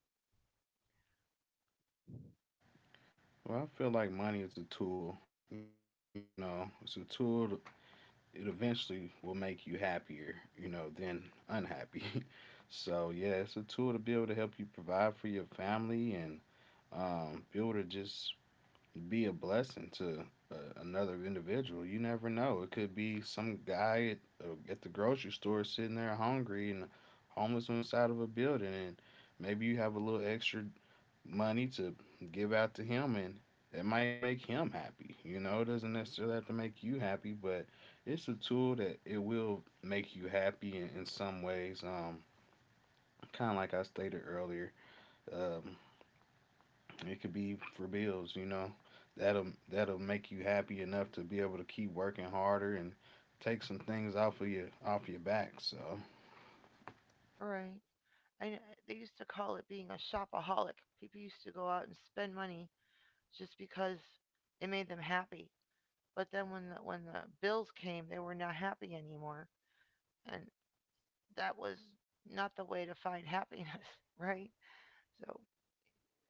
B: Well, I feel like money is a tool, you know, it's a tool, to- it eventually will make you happier, you know, than unhappy. [LAUGHS] So, yeah, it's a tool to be able to help you provide for your family and be able to just be a blessing to another individual. You never know. It could be some guy at the grocery store sitting there hungry and homeless on the side of a building, and maybe you have a little extra money to give out to him and that might make him happy. You know, it doesn't necessarily have to make you happy, but it's a tool that it will make you happy in some ways. Kind of like I stated earlier, um, it could be for bills. You know, that'll make you happy enough to be able to keep working harder and take some things off of your back. So
A: All right. I know, they used to call it being a shopaholic. People used to go out and spend money just because it made them happy. But then when the bills came, they were not happy anymore. And that was not the way to find [LAUGHS] happiness, right? So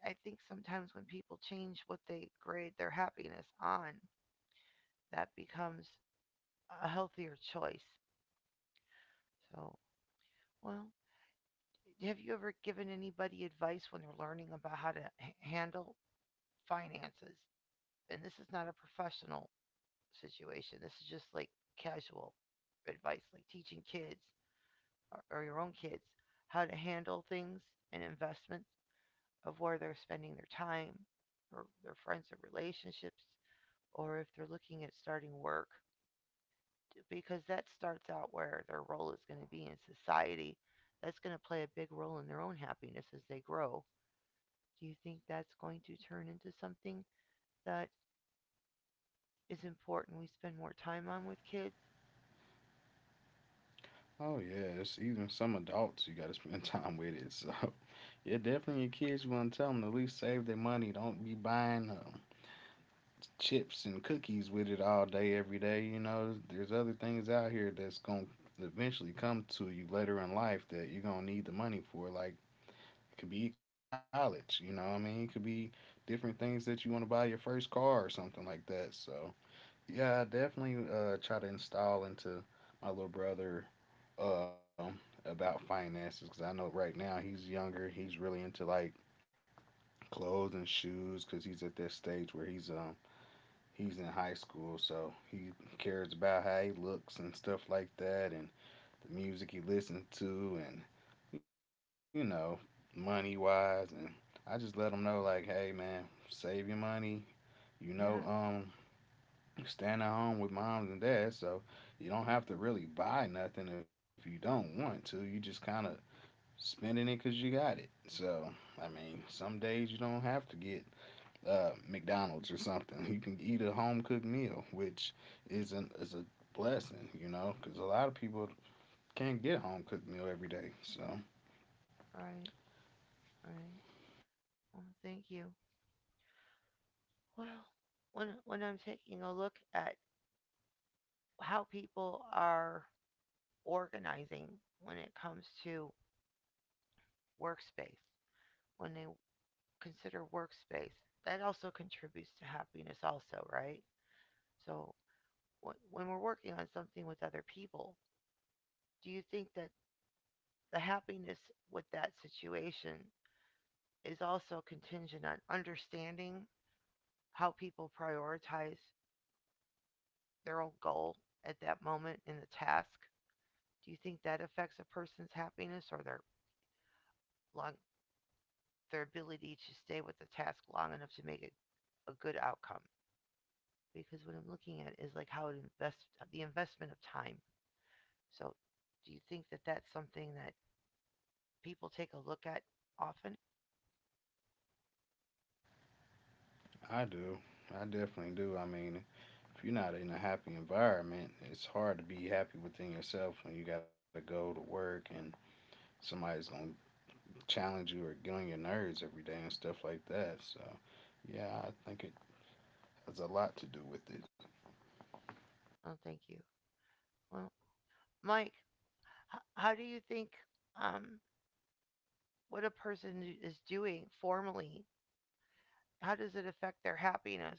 A: I think sometimes when people change what they grade their happiness on, that becomes a healthier choice. So, well, have you ever given anybody advice when they're learning about how to handle finances? And this is not a professional situation. This is just like casual advice, like teaching kids or your own kids how to handle things and investments. Of where they're spending their time or their friends or relationships, or if they're looking at starting work, because that starts out where their role is going to be in society. That's going to play a big role in their own happiness as they grow. Do you think that's going to turn into something that is important we spend more time on with kids?
B: oh yeah, it's even some adults you got to spend [LAUGHS] time with it. So [LAUGHS] yeah, definitely your kids. You want to tell them to at least save their money. Don't be buying chips and cookies with it all day every day. You know, there's other things out here that's gonna eventually come to you later in life that you're gonna need the money for. Like it could be college. You know, what I mean, it could be different things that you want to buy your first car or something like that. So yeah, I definitely try to install into my little brother um, about finances because I know right now he's younger. He's really into like clothes and shoes because he's at that stage where he's in high school, so he cares about how he looks and stuff like that, and the music he listens to, and you know, money wise. And I just let him know like, hey man, save your money. You know,
A: Yeah.
B: staying at home with moms and dads, so you don't have to really buy nothing if you don't want to. You just kind of spending it because you got it. So, I mean, some days you don't have to get McDonald's or something. [LAUGHS] You can eat a home cooked meal, which is a blessing, you know, because a lot of people can't get a home cooked meal every day. So,
A: Right, right, well thank you. Well, when I'm taking a look at how people are organizing when it comes to workspace. When they consider workspace, that also contributes to happiness, also, right? So, when we're working on something with other people, do you think that the happiness with that situation is also contingent on understanding how people prioritize their own goal at that moment in the task? Do you think that affects a person's happiness or their long, their ability to stay with the task long enough to make it a good outcome? Because what I'm looking at is like how it invest the investment of time. So, do you think that that's something that people take a look at often?
B: I do. I definitely do. I mean, if you're not in a happy environment, it's hard to be happy within yourself when you got to go to work and somebody's going to challenge you or get on your nerves every day and stuff like that. So, yeah, I think it has a lot to do with it.
A: Oh, thank you. Well, Mike, how do you think, um, what a person is doing formally? How does it affect their happiness?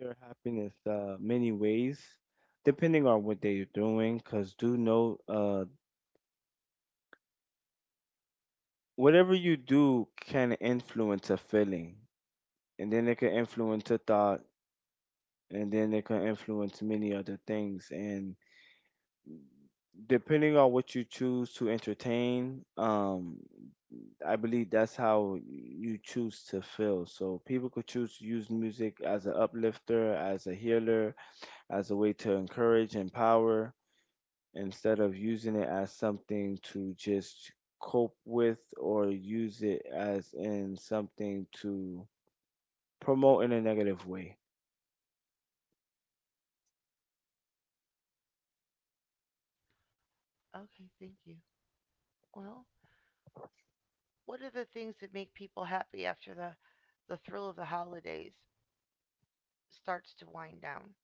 C: Their happiness, many ways, depending on what they're doing, because do know, whatever you do can influence a feeling, and then it can influence a thought, and then it can influence many other things, and depending on what you choose to entertain, I believe that's how you choose to feel. So people could choose to use music as an uplifter, as a healer, as a way to encourage, empower, instead of using it as something to just cope with or use it as in something to promote in a negative way.
A: Okay, thank you. Well, what are the things that make people happy after the thrill of the holidays starts to wind down?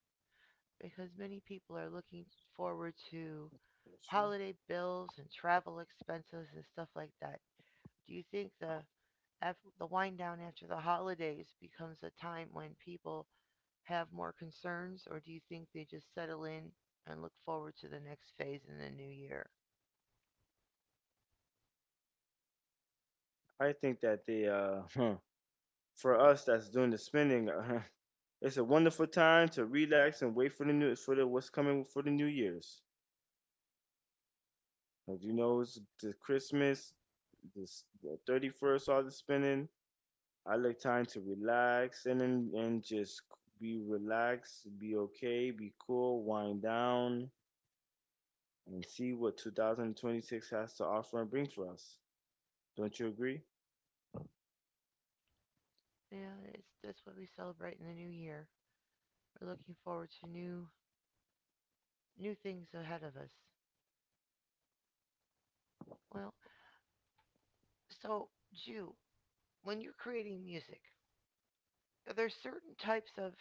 A: Because many people are looking forward to holiday bills and travel expenses and stuff like that. Do you think the af the wind down after the holidays becomes a time when people have more concerns, or do you think they just settle in and look forward to the next phase in the new year?
C: I think that the [LAUGHS] for us that's doing the spending [LAUGHS] it's a wonderful time to relax and wait for the what's coming for the New Year's. Like you know, it's the Christmas, this the 31st, all the spinning. I like time to relax and just be relaxed, be okay, be cool, wind down, and see what 2026 has to offer and bring for us. Don't you agree?
A: Yeah, it's that's what we celebrate in the new year. We're looking forward to new things ahead of us. Well, so, Jew, when you're creating music, are there certain types of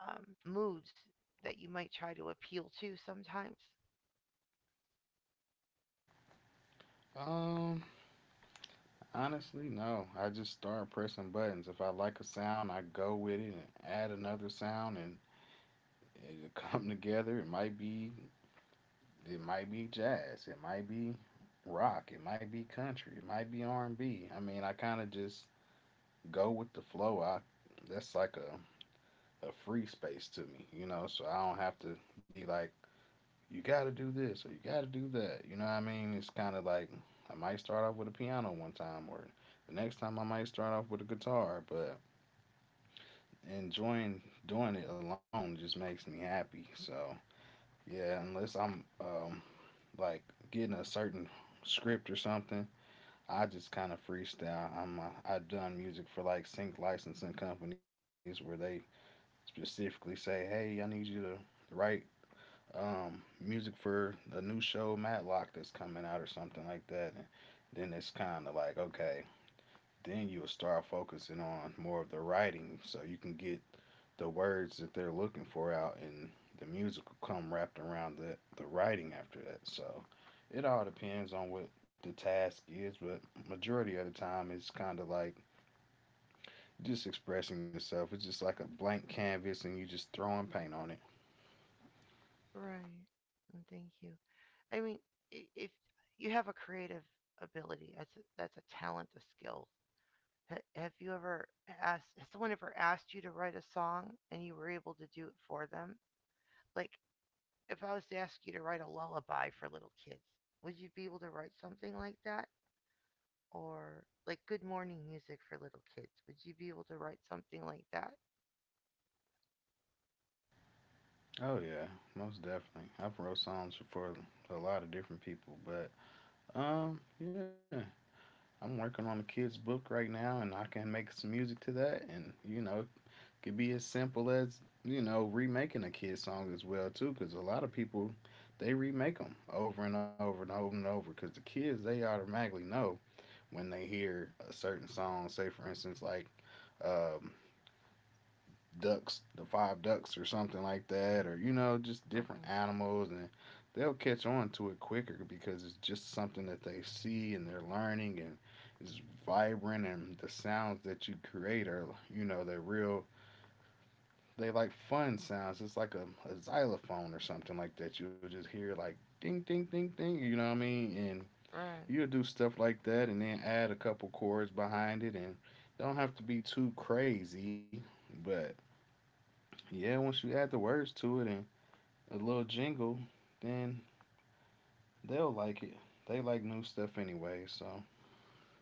A: moods that you might try to appeal to sometimes?
B: Um, Honestly, no. I just start pressing buttons. If I like a sound, I go with it and add another sound, and it'll [LAUGHS] come together. It might be jazz. It might be rock. It might be country. It might be R and B. I mean, I kind of just go with the flow. I That's like a free space to me, you know. So I don't have to be like, you got to do this or you got to do that. You know what I mean? It's kind of like I might start off with a piano one time, or the next time I might start off with a guitar. But enjoying doing it alone just makes me happy. So yeah, unless I'm like getting a certain script or something, I just kind of freestyle. I'm I've done music for like sync licensing companies where they specifically say, hey, I need you to write music for a new show Matlock that's coming out or something like that. And then it's kind of like okay, then you'll start focusing on more of the writing, so you can get the words that they're looking for out, and the music will come wrapped around the writing after that. So it all depends on what the task is, but majority of the time it's kind of like just expressing yourself. It's just like a blank canvas, and you just throwing paint on it.
A: Right. And thank you. I mean, if you have a creative ability, that's that's a talent, a skill. Have you ever asked? Has someone ever asked you to write a song and you were able to do it for them? Like, if I was to ask you to write a lullaby for little kids, would you be able to write something like that? Or like good morning music for little kids, would you be able to write something like that?
B: Oh yeah, most definitely. I've wrote songs for a lot of different people, but yeah, I'm working on a kid's book right now, and I can make some music to that, and you know, it could be as simple as you know remaking a kid's song as well too, because a lot of people they remake them over and over and over and over, because the kids they automatically know when they hear a certain song. Say for instance, like. Um, Ducks, the five ducks or something like that, or you know, just different
A: Okay,
B: animals, and they'll catch on to it quicker because it's just something that they see and they're learning and it's vibrant and the sounds that you create are you know they're real they like fun sounds it's like a xylophone or something like that you'll just hear like ding ding ding ding you know what I mean and
A: right.
B: you'll do stuff like that and then add a couple chords behind it and don't have to be too crazy but yeah, once you add the words to it and a little jingle, then they'll like it. They like new stuff anyway, so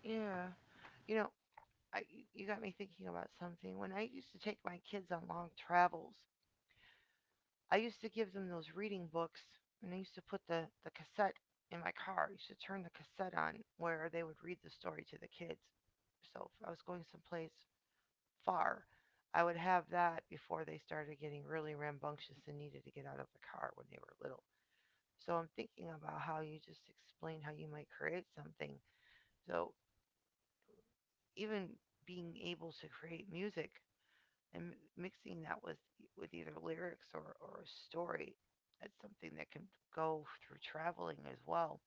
A: Yeah. You know, you got me thinking about something. When I used to take my kids on long travels, I used to give them those reading books, and I used to put the cassette in my car. I used to turn the cassette on where they would read the story to the kids. So if I was going someplace far, I would have that before they started getting really rambunctious and needed to get out of the car when they were little. So I'm thinking about how you just explained how you might create something. So even being able to create music and mixing that with either lyrics or a story, that's something that can go through traveling as well,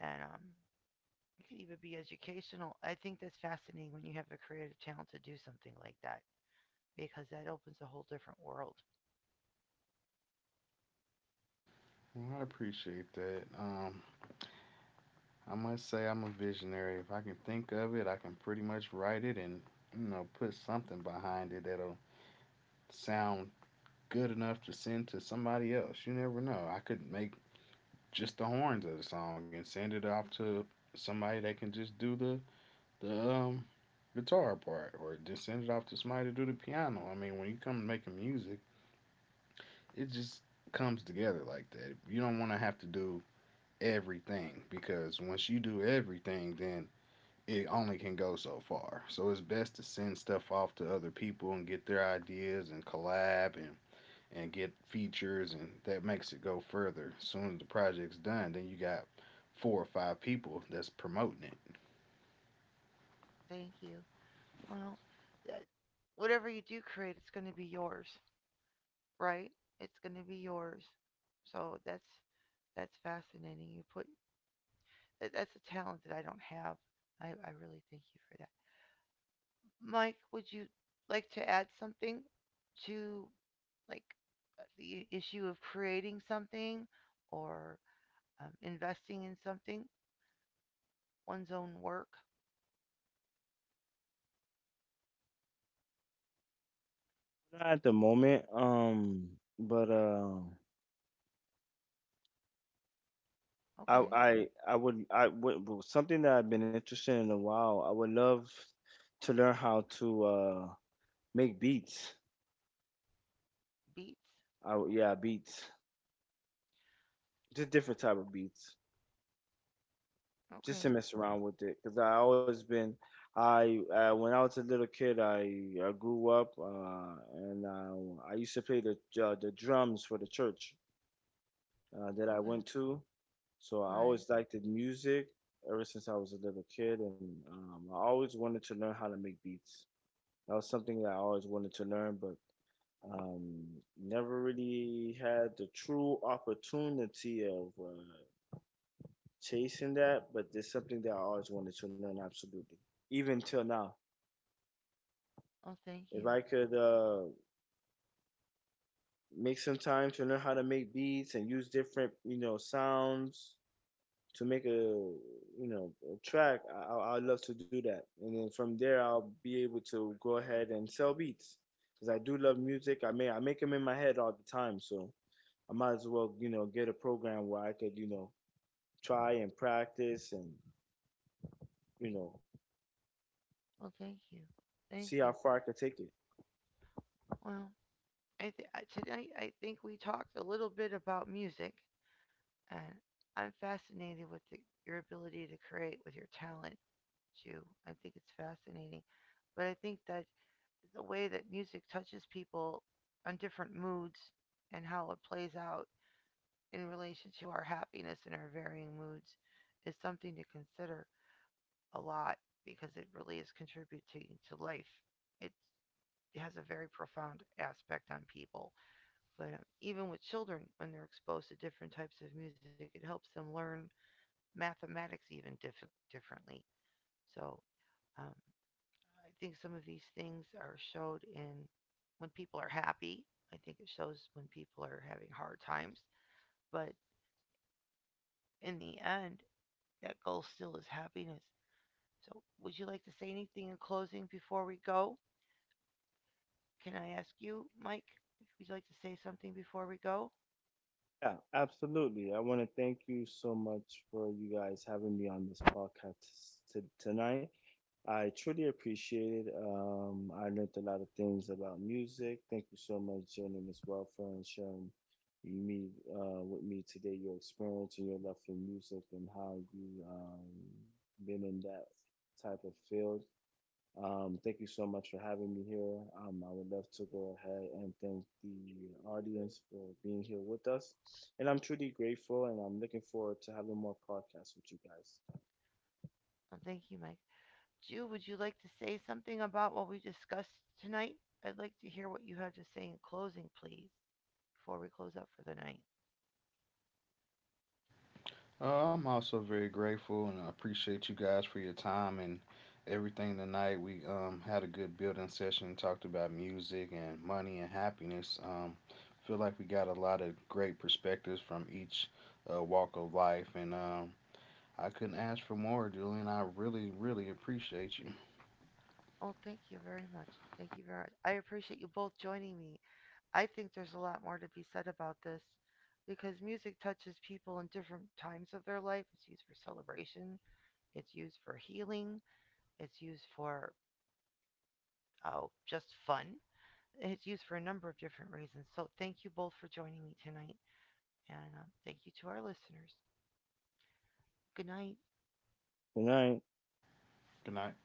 A: and it could even be educational. I think that's fascinating when you have the creative talent to do something like that, because that opens a whole different world.
B: well, I appreciate that. I must say I'm a visionary. If I can think of it, I can pretty much write it and you know put something behind it that'll sound good enough to send to somebody else. You never know. I could make just the horns of the song and send it off to somebody that can just do the guitar part or just send it off to somebody to do the piano. I mean, when you come to making music, it just comes together like that. You don't want to have to do everything because once you do everything, then it only can go so far. So it's best to send stuff off to other people and get their ideas and collab and get features and that makes it go further. As soon as the project's done, then you got 4 or 5 people that's promoting it.
A: Thank you. Well, that, whatever you do create, it's going to be yours, right? It's going to be yours. So that's fascinating. You put that's a talent that I don't have. I really thank you for that. Mike, would you like to add something to, like, the issue of creating something or investing in something, one's own work?
C: Not at the moment, but I
A: Okay,
C: I I would I would well, something that I've been interested in a while. I would love to learn how to make beats.
A: beats.
C: Yeah, beats. Just different type of beats. Just
A: Okay,
C: to mess around with it, cuz I always been I when I was a little kid, I grew up and I used to play the drums for the church that I
A: okay,
C: went to. So I
A: right.
C: always liked the music ever since I was a little kid, and I always wanted to learn how to make beats. That was something that I always wanted to learn, but um, never really had the true opportunity of chasing that. But it's something that I always wanted to learn, absolutely. Even till now,
A: Oh, thank
C: if
A: you.
C: I could make some time to learn how to make beats and use different, you know, sounds to make a, you know, a track, I'd love to do that. And then from there, I'll be able to go ahead and sell beats because I do love music. I make them in my head all the time, so I might as well, you know, get a program where I could, you know, try and practice and, you know,
A: Oh, thank you. Thank
C: see how
A: you.
C: far I could take it.
A: Well, I th- tonight I think we talked a little bit about music, and I'm fascinated with your ability to create with your talent too. I think it's fascinating, but I think that the way that music touches people on different moods and how it plays out in relation to our happiness and our varying moods is something to consider a lot, because it really is contributing to life. It has a very profound aspect on people. But even with children, when they're exposed to different types of music, it helps them learn mathematics even differently. So, um, I think some of these things are showed in when people are happy. I think it shows when people are having hard times. But in the end, that goal still is happiness. So, would you like to say anything in closing before we go? Can I ask you, Mike, if you'd like to say something before we go?
C: Yeah, absolutely. I want to thank you so much for you guys having me on this podcast tonight. I truly appreciate it. I learned a lot of things about music. Thank you so much, Jeremy, as well, for sharing me with me today your experience and your love for music and how you been in that type of field. Thank you so much for having me here. I would love to go ahead and thank the audience for being here with us. And I'm truly grateful and I'm looking forward to having more podcasts with you guys.
A: Oh, thank you, Mike. Jew, would you like to say something about what we discussed tonight? I'd like to hear what you have to say in closing, please, before we close up for the night.
B: I'm also very grateful and I appreciate you guys for your time and everything tonight. We had a good building session, talked about music and money and happiness. Feel like we got a lot of great perspectives from each walk of life, and I couldn't ask for more, Julian. I really, really appreciate you.
A: Oh, thank you very much. Thank you very much. I appreciate you both joining me. I think there's a lot more to be said about this, because music touches people in different times of their life. It's used for celebration, it's used for healing, it's used for oh, just fun. It's used for a number of different reasons. So thank you both for joining me tonight, and thank you to our listeners. Good night.
C: Good night.
B: Good night.